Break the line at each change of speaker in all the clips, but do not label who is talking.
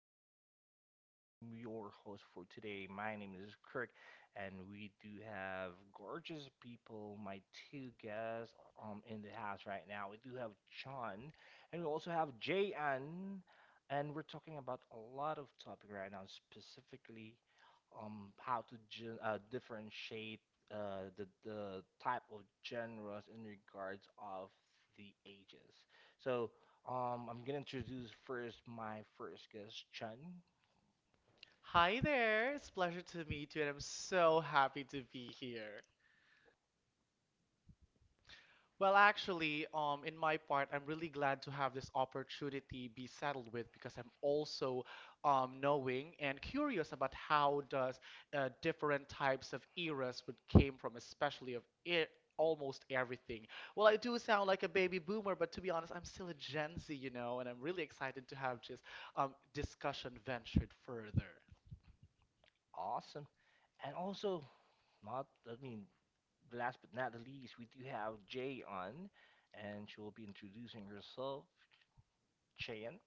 podcast. I'm your host for today. My name is Kirk, and we do have gorgeous people. My two guests in the house right now. We do have John, and we also have Jay, and we're talking about a lot of topic right now, specifically how to differentiate the type of genres in regards of the ages. So. I'm gonna introduce first my first guest, Chun.
Hi there, it's a pleasure to meet you, and I'm so happy to be here. Well, actually, in my part, I'm really glad to have this opportunity be settled with because I'm also knowing and curious about how does different types of eras would came from, especially of almost everything. Well, I do sound like a baby boomer, but to be honest, I'm still a Gen Z, and I'm really excited to have this discussion ventured further.
Awesome. And also, not, I mean, last but not the least, we do have Jay on, and she will be introducing herself. Chen,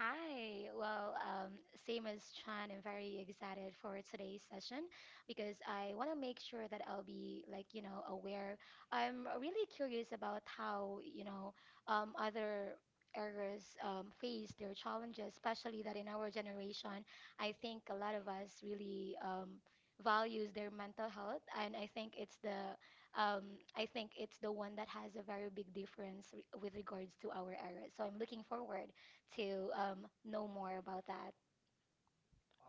Hi. Same as Chan, I'm very excited for today's session because I want to make sure that I'll be like, you know, aware. I'm really curious about how, you know, other errors face their challenges, especially that in our generation, I think a lot of us really values their mental health, and I think um, I think it's the one that has a very big difference with regards to our errors. So I'm looking forward to know more about that?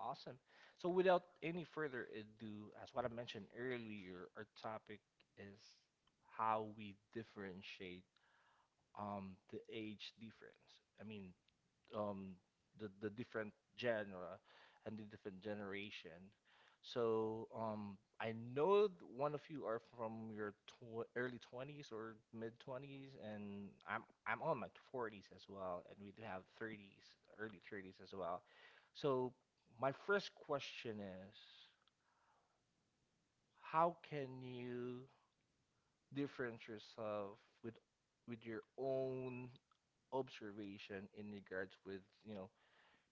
awesome. So, without any further ado, as what I mentioned earlier, our topic is how we differentiate the age difference. Um the different genre and the different generation. So I know one of you are from your tw early 20s or mid 20s, and I'm on my 40s as well, and we do have 30s, early 30s as well. So my first question is, how can you differentiate yourself with with your own observation in regards with, you know,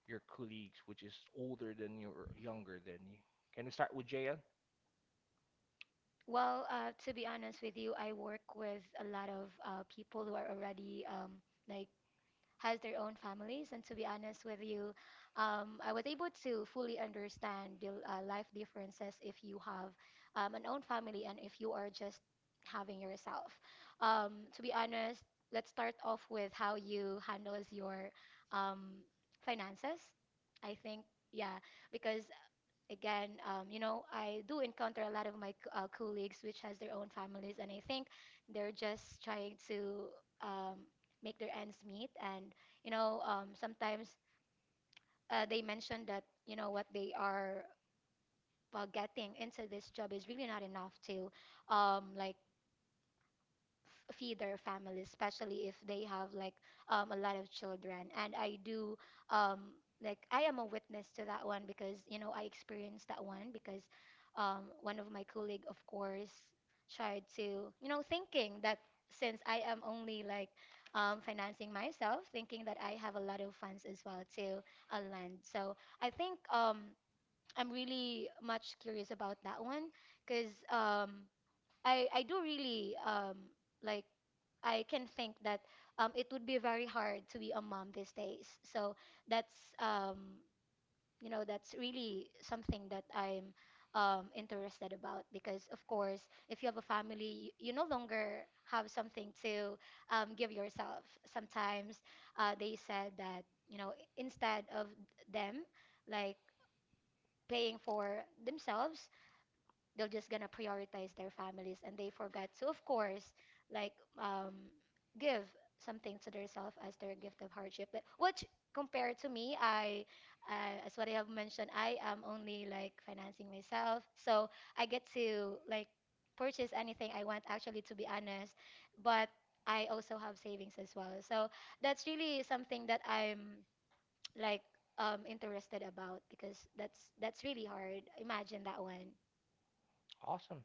your colleagues, which is older than you or younger than you. Can we start with JL?
To be honest with you, I work with a lot of people who are already like has their own families, and to be honest with you, I was able to fully understand the life differences if you have an own family and if you are just having yourself. To be honest, let's start off with how you handles your um, finances. I think, yeah, because again, you know, I do encounter a lot of my colleagues which has their own families, and I think they're just trying to um, make their ends meet. And you know, sometimes they mention that you know what they are getting into this job is really not enough to like feed their families, especially if they have like a lot of children. And I do um, like I am a witness to that one because you know I experienced that one because one of my colleague, of course, tried to you know thinking that since I am only like financing myself, thinking that I have a lot of funds as well to lend. So I think I'm really much curious about that one because I do really like I can think that it would be very hard to be a mom these days. So that's you know that's really something that I'm interested about because of course if you have a family you no longer have something to give yourself. Sometimes they said that you know instead of them like paying for themselves they're just gonna prioritize their families and they forgot to of course like um give something to themselves as their gift of hardship but which compared to me I as what I have mentioned I am only like financing myself so I get to like purchase anything I want actually to be honest but I also have savings as well so that's really something that I'm like interested about because that's really hard imagine that one.
Awesome.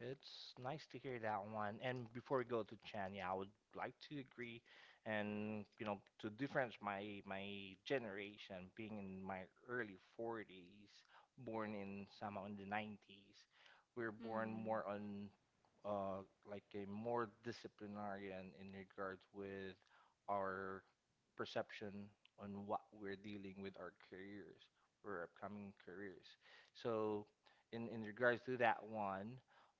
It's nice to hear that one. And before we go to Chan, yeah, I would like to agree, and you know, to difference my generation being in my early 40s, born in somehow in the 90s, we were born
Mm.
more on like a more disciplinarian in regards with our perception on what we're dealing with our careers, our upcoming careers. So in regards to that one,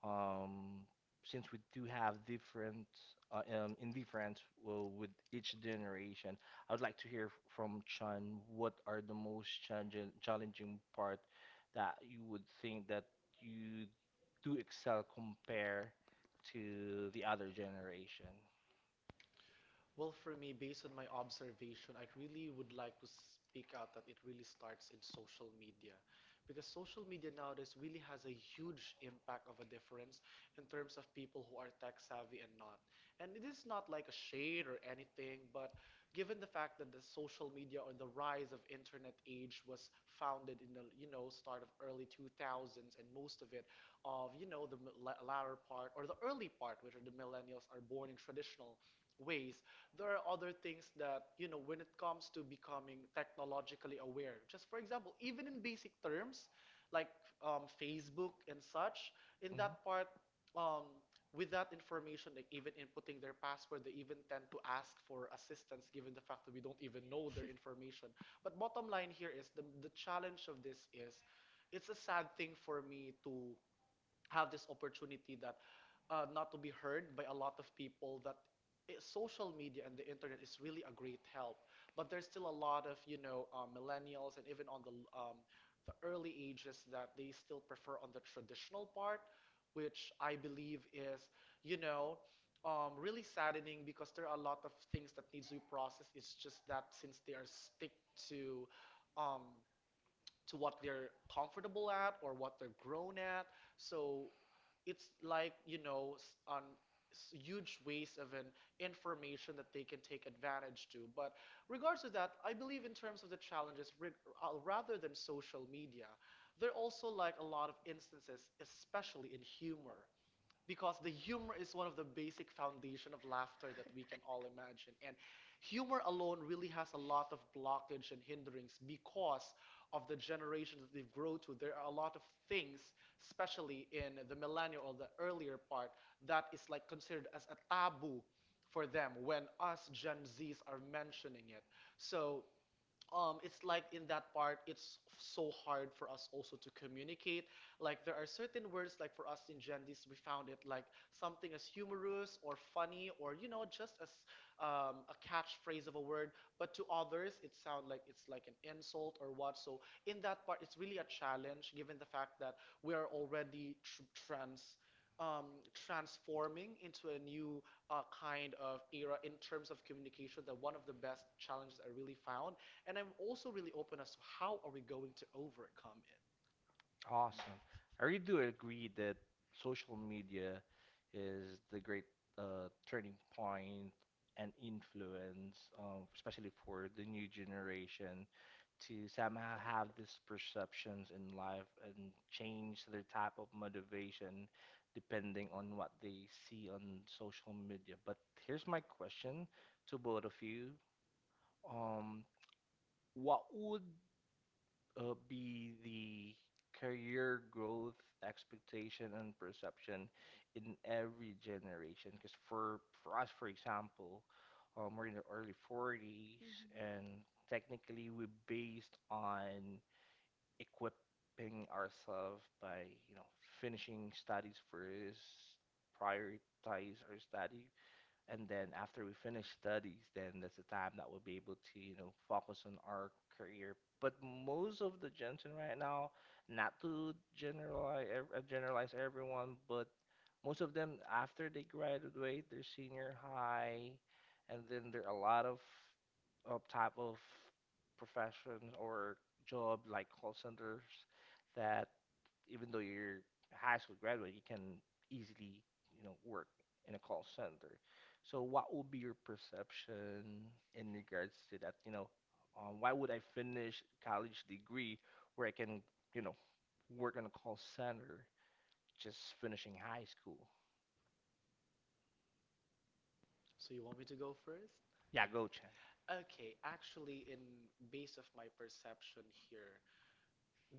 um, since we do have different indifference, well, with each generation, I would like to hear from Chan what are the most challenging part that you would think that you do excel compare to the other generation.
Well, for me, based on my observation, I really would like to speak out that it really starts in social media. Because social media nowadays really has a huge impact of a difference in terms of people who are tech savvy and not. And it is not like a shade or anything, but given the fact that the social media or the rise of internet age was founded in the start of early 2000s, and most of it of the latter part or the early part, which are the millennials, are born in traditional ways. There are other things that when it comes to becoming technologically aware, just for example, even in basic terms like Facebook and such. In
Mhm.
that part, um, with that information, like even inputting their password, they even tend to ask for assistance given the fact that we don't even know their information. But bottom line here is the challenge of this is, it's a sad thing for me to have this opportunity that not to be heard by a lot of people that social media and the internet is really a great help, but there's still a lot of millennials, and even on um, the early ages that they still prefer on the traditional part, which I believe is you know really saddening, because there are a lot of things that needs to be processed. It's just that since they are stick to um, to what they're comfortable at or what they're grown at. So it's like, on huge waste of an information that they can take advantage to. But regards to that, I believe in terms of the challenges, rather than social media, there are also like a lot of instances, especially in humor, because the humor is one of the basic foundation of laughter that we can all imagine, and humor alone really has a lot of blockage and hindrance because of the generation that they've grown to. There are a lot of things, especially in the millennial or the earlier part, that is like considered as a taboo for them when us gen z's are mentioning it. So it's like in that part, it's so hard for us also to communicate. Like there are certain words, like for us in Gendis, we found it like something as humorous or funny or just as a catchphrase of a word, but to others it sounds like it's like an insult or what. So in that part, it's really a challenge given the fact that we are already Um, transforming into a new kind of era in terms of communication, that one of the best challenges I really found, and I'm also really open as to how are we going to overcome it.
Awesome. I really do agree that social media is the great turning point and influence, especially for the new generation, to somehow have these perceptions in life and change their type of motivation depending on what they see on social media. But here's my question to both of you. Um, what would be the career growth expectation and perception in every generation, because for us, for example, we're in the early 40s,
Mm-hmm.
and technically we're based on equipping ourselves by, you know, finishing studies first, prioritize our study, and then after we finish studies, then that's the time that we'll be able to, you know, focus on our career. But most of the gentlemen right now, not to generalize everyone, but most of them, after they graduate their senior high, and then there are a lot of type of professions or job like call centers, that even though you're high school graduate, you can easily, you know, work in a call center. So what would be your perception in regards to that, you know, why would I finish college degree where I can, you know, work in a call center just finishing high school?
So you want me to go first?
Yeah, Gochan.
Okay, actually, in base of my perception here,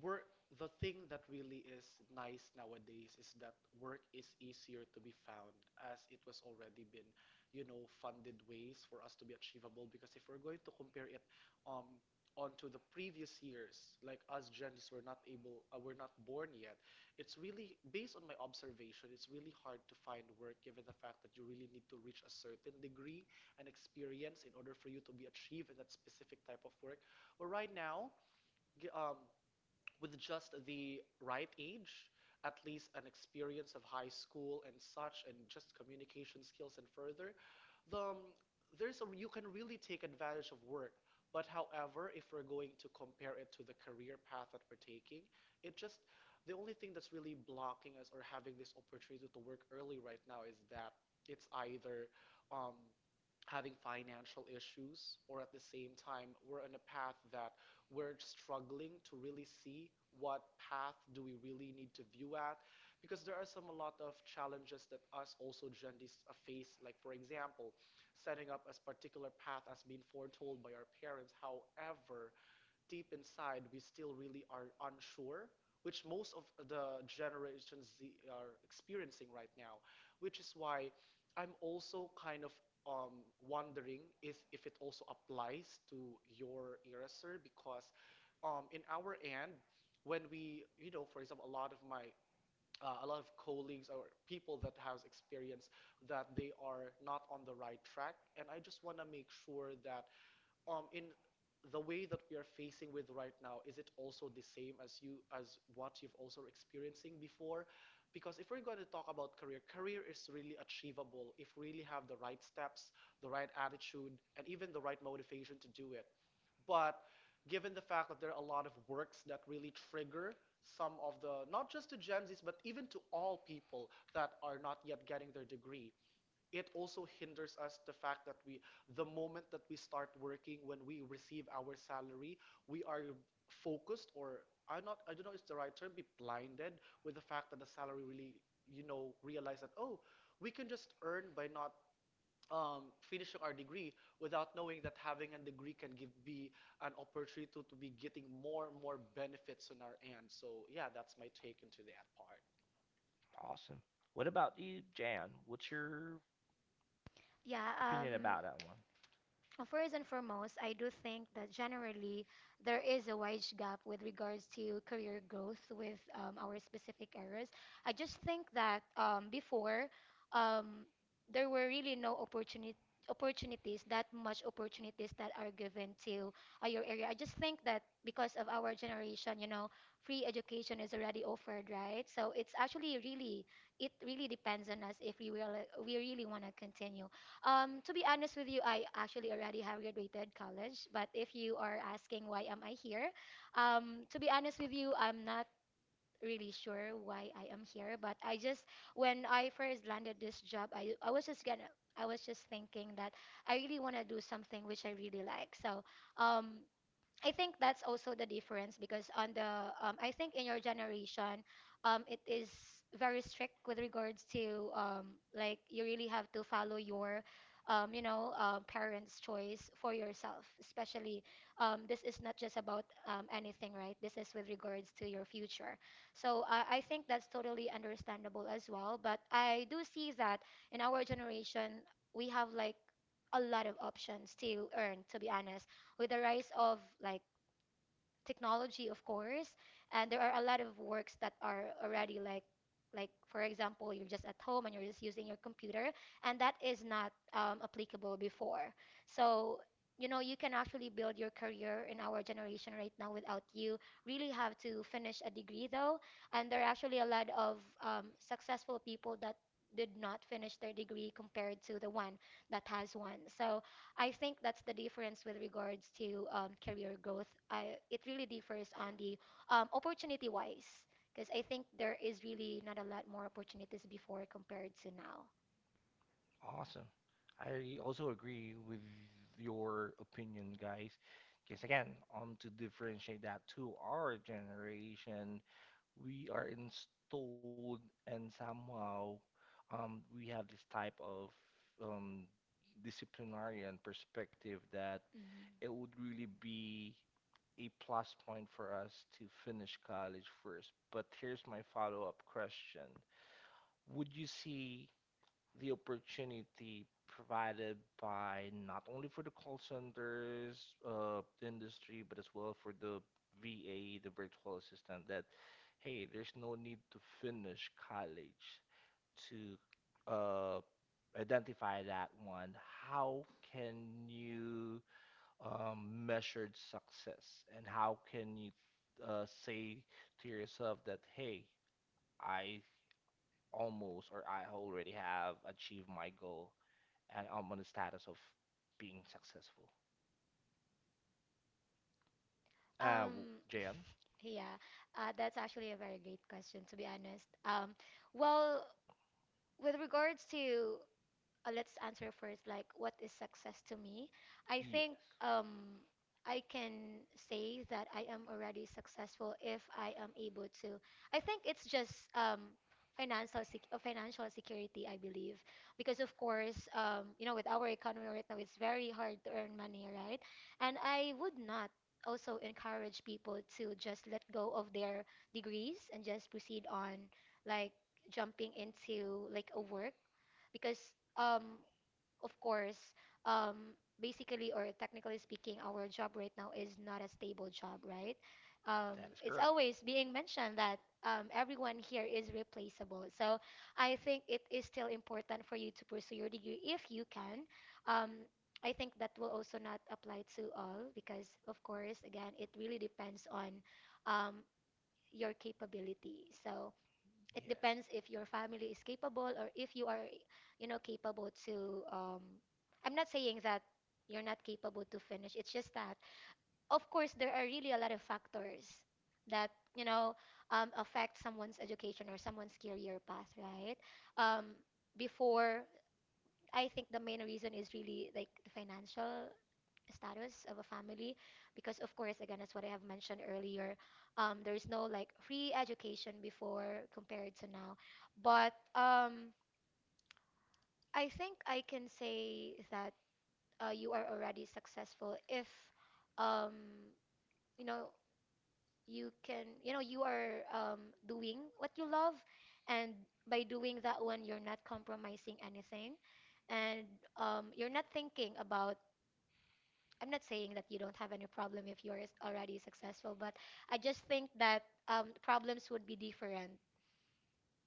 work, the thing that really is nice nowadays is that work is easier to be found, as it was already been, funded ways for us to be achievable. Because if we're going to compare it um onto the previous years, like us Gen Zs were not able, we're not born yet. It's really based on my observation. It's really hard to find work given the fact that you really need to reach a certain degree and experience in order for you to be achieved in that specific type of work. But right now, gi- um with just the right age, at least an experience of high school and such, and just communication skills and further, the um, you can really take advantage of work. But however, if we're going to compare it to the career path that we're taking, it just the only thing that's really blocking us or having this opportunity to work early right now is that it's either um, having financial issues, or at the same time we're on a path that we're struggling to really see what path do we really need to view at, because there are some a lot of challenges that us also Gen face, like for example setting up a particular path as being foretold by our parents, however deep inside we still really are unsure, which most of the generations Z are experiencing right now, which is why I'm also kind of wondering if it also applies to your era, sir, because in our end, when we, for example, a lot of my a lot of colleagues or people that has experience that they are not on the right track. And I just want to make sure that in the way that we are facing with right now, is it also the same as you as what you've also experiencing before? Because if we're going to talk about career, career is really achievable if we really have the right steps, the right attitude, and even the right motivation to do it. But given the fact that there are a lot of works that really trigger some of the, not just to Gen Zs, but even to all people that are not yet getting their degree, it also hinders us. The fact that we, the moment that we start working, when we receive our salary, we are focused, or I don't know if it's the right term, be blinded with the fact that the salary really, realize that, oh, we can just earn by not finishing our degree, without knowing that having a degree can give be an opportunity to be getting more and more benefits on our end. So yeah, that's my take into that part.
Awesome. What about you, Jan? What's your
Yeah,
opinion
um,
about that one?
first and foremost, I do think that generally there is a wide gap with regards to career growth with our specific areas. I just think that before um, there were really no opportunity opportunities that much opportunities that are given to your area. I just think that because of our generation, you know, free education is already offered, right? So it really depends on us if we really want to continue to be honest with you, I actually already have graduated college, but if you are asking why am I here, to be honest with you, I'm not really sure why I am here, but I just when I first landed this job, I was just gonna I was just thinking that I really want to do something which I really like. So, um, I think that's also the difference because on the I think in your generation, it is very strict with regards to like you really have to follow your parents' choice for yourself. Especially this is not just about anything, right? This is with regards to your future. So I think that's totally understandable as well. But I do see that in our generation we have like a lot of options to earn. To be honest with the rise of like technology, of course, and there are a lot of works that are already like for example, you're just at home and you're just using your computer, and that is not applicable before. So you know you can actually build your career in our generation right now without you really have to finish a degree though and there are actually a lot of successful people that did not finish their degree compared to the one that has one so I think that's the difference with regards to career growth. It really differs on the opportunity wise, because I think there is really not a lot more opportunities before compared to now.
Awesome. I also agree with your opinion, guys. Because again, to differentiate that to our generation, we are installed and somehow we have this type of um, disciplinarian perspective that
Mhm.
it would really be a plus point for us to finish college first. But here's my follow up question. Would you see the opportunity provided by not only for the call centers industry, but as well for the VA, the virtual assistant, that hey, there's no need to finish college to identify that one? How can you, measured success, and how can you say to yourself that hey, I almost, or I already have achieved my goal and I'm on the status of being successful?
Um,
Jan.
yeah, that's actually a very great question, to be honest. Well, with regards to let's answer first like what is success to me. i think
Yes.
um I can say that I am already successful if I am able to I think it's just financial security I believe because of course you know with our economy right now it's very hard to earn money right and I would not also encourage people to just let go of their degrees and just proceed on like jumping into like a work because um of course um basically or technically speaking our job right now is not a stable job right
That is
it's
correct.
always being mentioned that everyone here is replaceable so I think it is still important for you to pursue your degree if you can. um I think that will also not apply to all because, of course, again, it really depends on um, your capability. So, it
Yes.
depends if your family is capable or if you are you know capable to I'm not saying that you're not capable to finish it's just that of course there are really a lot of factors that you know affect someone's education or someone's career path right um before I think the main reason is really like the financial status of a family because of course again as what I have mentioned earlier there is no like free education before compared to now but um I think I can say that you are already successful if um you know you can you know you are doing what you love and by doing that one you're not compromising anything and you're not thinking about I'm not saying that you don't have any problem if you're already successful, but I just think that problems would be different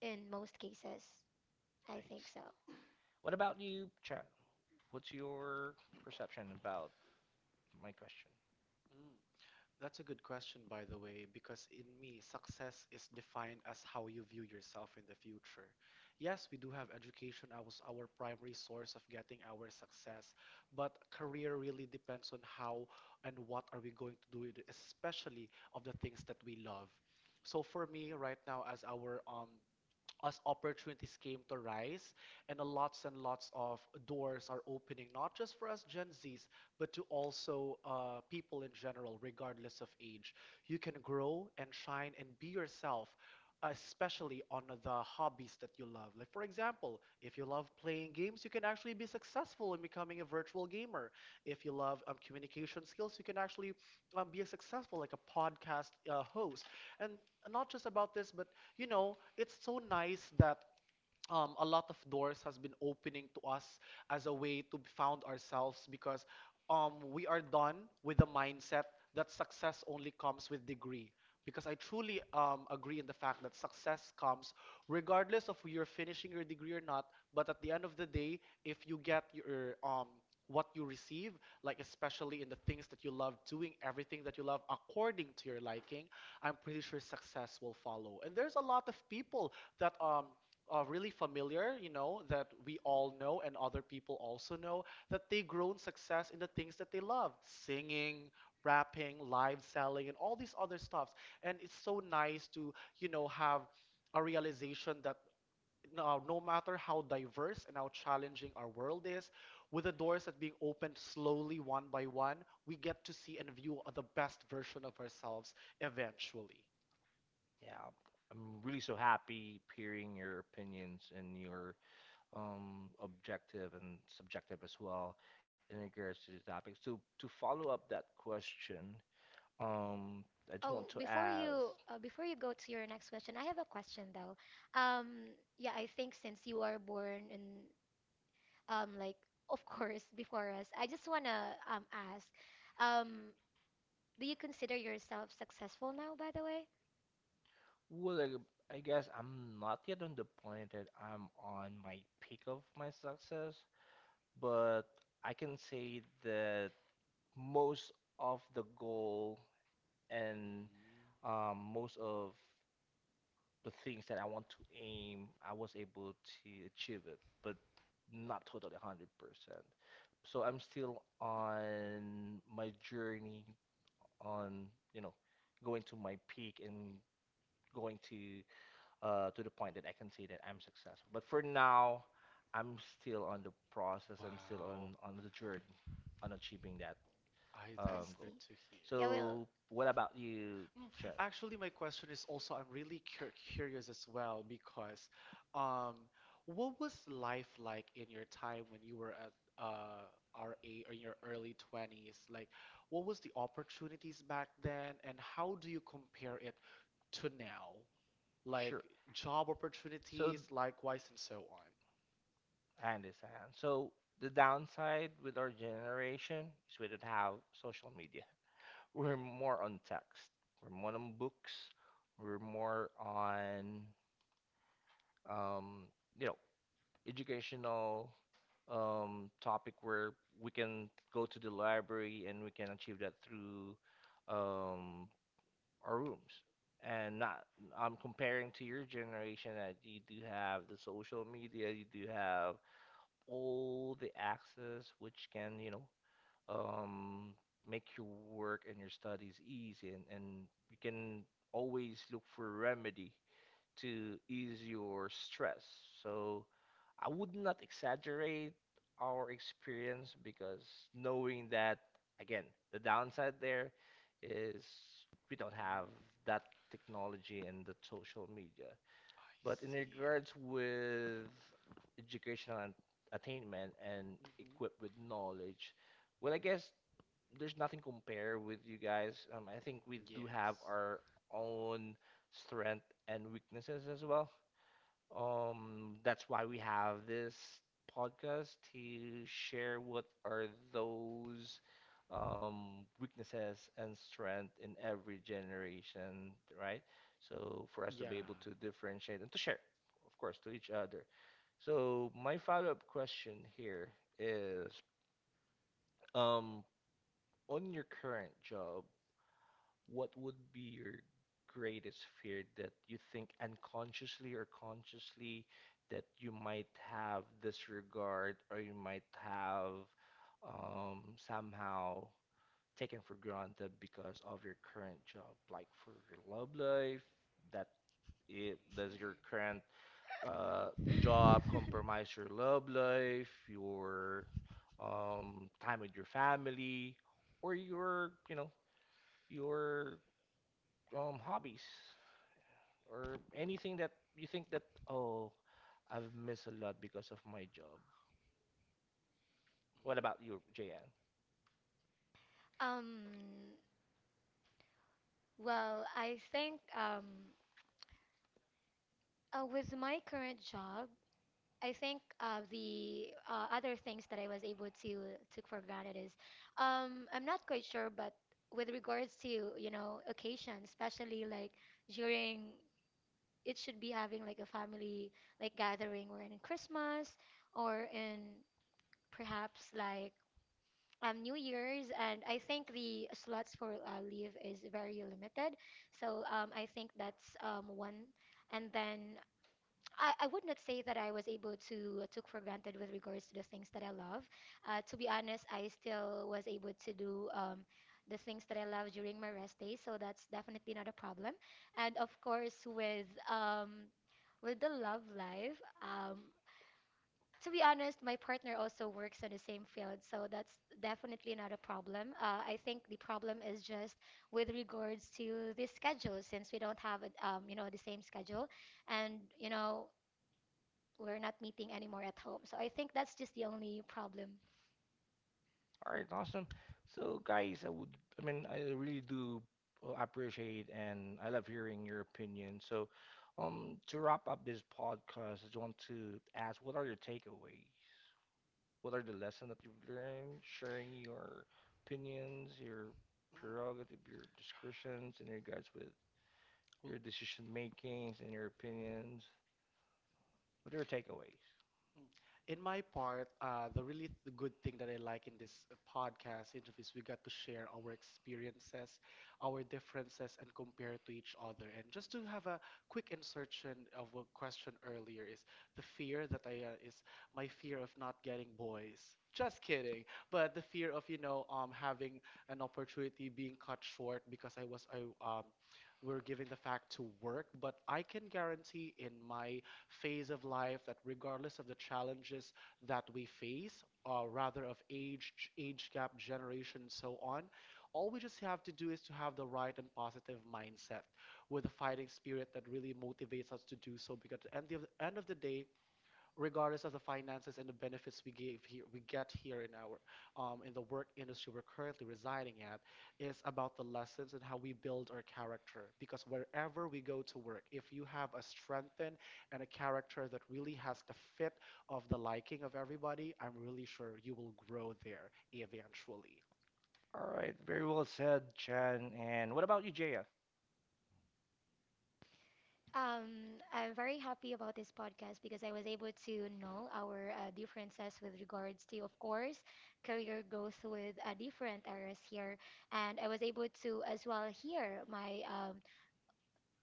in most cases.
I
I think
see.
so.
What about you, Chan? What's your perception about my question?
Mm. That's a good question, by the way, because in me, success is defined as how you view yourself in the future. Yes, we do have education as our primary source of getting our success, but career really depends on how and what are we going to do it, especially of the things that we love. So for me, right now, as opportunities came to rise, and a lots and lots of doors are opening, not just for us gen z's, but to also people in general regardless of age, you can grow and shine and be yourself, especially on the hobbies that you love. Like for example, if you love playing games, you can actually be successful in becoming a virtual gamer. If you love communication skills, you can actually be a successful like a podcast host, and not just about this, but it's so nice that a lot of doors has been opening to us as a way to found ourselves, because we are done with the mindset that success only comes with degree. Because I truly agree in the fact that success comes regardless of you're finishing your degree or not. But at the end of the day, if you get your what you receive, like especially in the things that you love doing, everything that you love according to your liking, I'm pretty sure success will follow. And there's a lot of people that really familiar, that we all know and other people also know, that they grown success in the things that they love: singing, rapping, live selling, and all these other stuffs. And it's so nice to, have a realization that no, no matter how diverse and how challenging our world is, with the doors that being opened slowly one by one, we get to see and view the best version of ourselves eventually.
Yeah, I'm really so happy hearing your opinions and your objective and subjective as well in regards to the topic. So to follow up that question, um, I just
Oh,
want to
before
ask,
you uh, before you go to your next question, I have a question though. Yeah, I think since you are born in like of course before us, I just wanna ask, um, do you consider yourself successful now, by the way?
well, I guess I'm not yet on the point that I'm on my peak of my success, but I can say that most of the goal
Mm.
and most of the things that I want to aim, I was able to achieve it, but not totally 100%. So I'm still on my journey on, you know, going to my peak and going to the point that I can say that I'm successful. But for now, I'm still on the process. I'm still
Wow,
on the journey on achieving that
I
I
that's good
goal.
see.
to hear.
Yeah, well.
So what about you,
Mm.
Jen?
Actually, my question is also, I'm really curious as well, because um what was life like in your time when you were at uh RA or in your early 20s? Like, what was the opportunities back then and how do you compare it to now? Like
Sure.
job
So
opportunities, likewise and so on.
I understand. So the downside with our generation is we don't have social media. We're more on text. We're more on books. We're more on um, you know, educational topic where we can go to the library and we can achieve that through um, our rooms. And not, I'm comparing to your generation that you do have the social media, you do have all the access which can, you know, um, make your work and your studies easy, and you can always look for a remedy to ease your stress. So I would not exaggerate our experience because knowing that, again, the downside there is we don't have that technology and the social media.
I
But
see.
in regards with educational and attainment and
Hmm.
equipped with knowledge, well, I guess there's nothing compare with you guys. I think we do have
Yes.
our own strength and weaknesses as well. That's why we have this podcast to share what are those weaknesses and strength in every generation, right? So for us to
Yeah.
be able to differentiate and to share, of course, to each other. So my follow-up question here is, um, on your current job, what would be your greatest fear that you think unconsciously or consciously that you might have disregard, or you might have um, somehow taken for granted because of your current job, like for your love life, that it does your current uh, job compromise your love life, your time with your family, or your, you know, your hobbies, or anything that you think that oh, I've missed a lot because of my job. What about you, JN?
Um, well, I think with my current job, I think the other things that I was able to took for granted is I'm not quite sure, but with regards to, you know, occasions, especially like during it should be having like a family like gathering or in Christmas or in perhaps like New Year's, and I think the slots for leave is very limited. So I think that's one. And then I would not say that I was able to took for granted with regards to the things that I love. To be honest, I still was able to do the things that I love during my rest day, so that's definitely not a problem. And of course, with the love life, to be honest, my partner also works in the same field, so that's definitely not a problem. I think the problem is just with regards to the schedule, since we don't have, you know, the same schedule, and you know, we're not meeting anymore at home. So I think that's just the only problem.
All right, awesome. So guys, I really do appreciate and I love hearing your opinion. So, to wrap up this podcast, I just want to ask, what are your takeaways? What are the lessons that you've learned? Sharing your opinions, your prerogative, your discretions in regards with
Well.
your decision makings, and your opinions. What are your takeaways?
Mm. In my part, the really the good thing that I like in this podcast interview is we got to share our experiences, our differences, and compare to each other. And just to have a quick insertion of a question earlier is the fear that I is my fear of not getting boys. Just kidding, but the fear of, having an opportunity being cut short because I was I um we're giving the fact to work. But I can guarantee in my phase of life that regardless of the challenges that we face, or rather of age gap, generation, and so on, all we just have to do is to have the right and positive mindset with a fighting spirit that really motivates us to do so, because at the end of the day, regardless of the finances and the benefits we give here, we get here in the work industry we're currently residing at, is about the lessons and how we build our character. Because wherever we go to work, if you have a strengthen and a character that really has the fit of the liking of everybody, I'm really sure you will grow there eventually.
All right, very well said, Chan. And what about you, JF?
I'm very happy about this podcast because I was able to know our differences with regards to, of course, career growth with different areas here, and I was able to as well hear my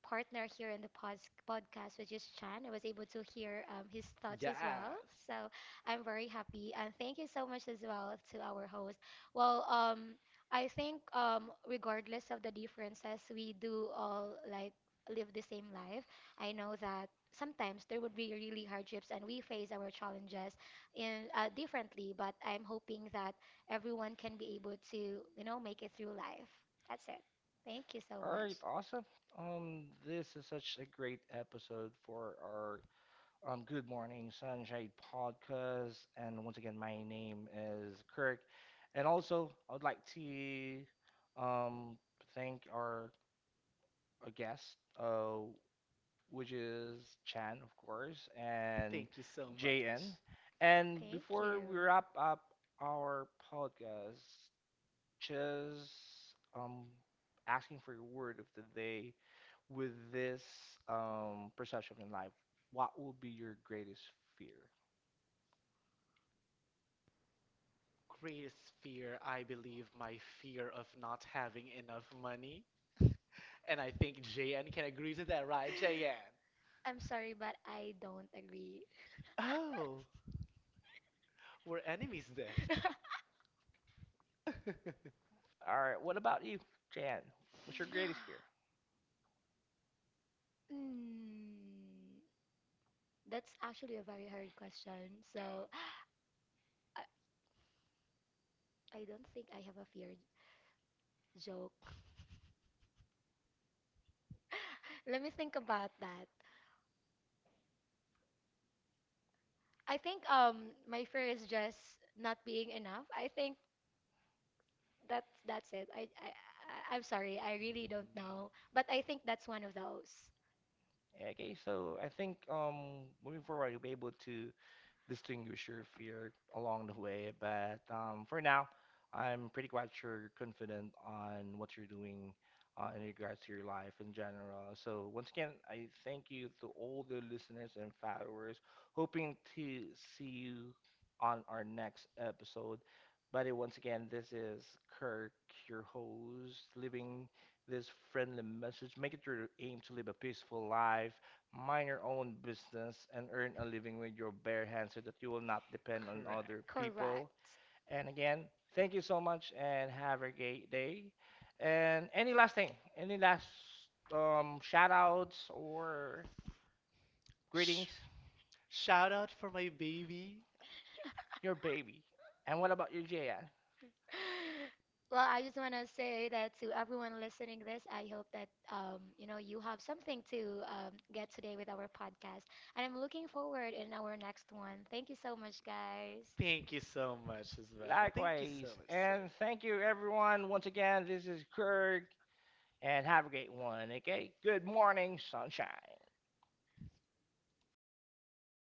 partner here in the podcast, which is Chan. I was able to hear his thoughts as well.
Yes.
So I'm very happy. And thank you so much as well to our host. Well, I think regardless of the differences, we do all like live the same life. I know that sometimes there would be really hardships and we face our challenges in differently, but I'm hoping that everyone can be able to, you know, make it through life. That's it. Thank you so
All
much.
right, awesome. This is such a great episode for our Good Morning Sunshine podcast. And once again, my name is Kirk. And also, I would like to um thank our guest. Which is Chan, of course, and
Thank you so
JN.
much.
And
Thank
before
you.
we wrap up our podcast, just um, asking for your word of the day with this perception in life, what will be your greatest fear?
Greatest fear, I believe, my fear of not having enough money. And I think JN can agree to that, right, JN?
I'm sorry, but I don't agree.
Oh, we're enemies then.
All right, what about you, Jan? What's your greatest fear?
Mm, that's actually a very hard question. So I, I don't think I have a fear joke. Let me think about that. I think my fear is just not being enough. I think that's it. I'm sorry. I really don't know, but I think that's one of those.
Okay, so I think moving forward, you'll be able to distinguish your fear along the way. But for now, I'm pretty quite sure you're confident on what you're doing in regards to your life in general. So once again, I thank you to all the listeners and followers, hoping to see you on our next episode. But once again, this is Kirk, your host, living this friendly message. Make it your aim to live a peaceful life, mind your own business, and earn a living with your bare hands, so that you will not depend on
Correct.
other
Correct.
people. And again, thank you so much and have a great day. And any last thing, any last shout outs or
Shh.
greetings?
Shout out for my baby.
Your baby. And what about you, Jaya?
Well, I just want to say that to everyone listening this, I hope that you know you have something to get today with our podcast, and I'm looking forward in our next one. Thank you so much, guys.
Thank you so much as well. Thank you so
Likewise.
much, sir.
And thank you, everyone. Once again, this is Kirk and have a great one. Okay. Good morning, sunshine.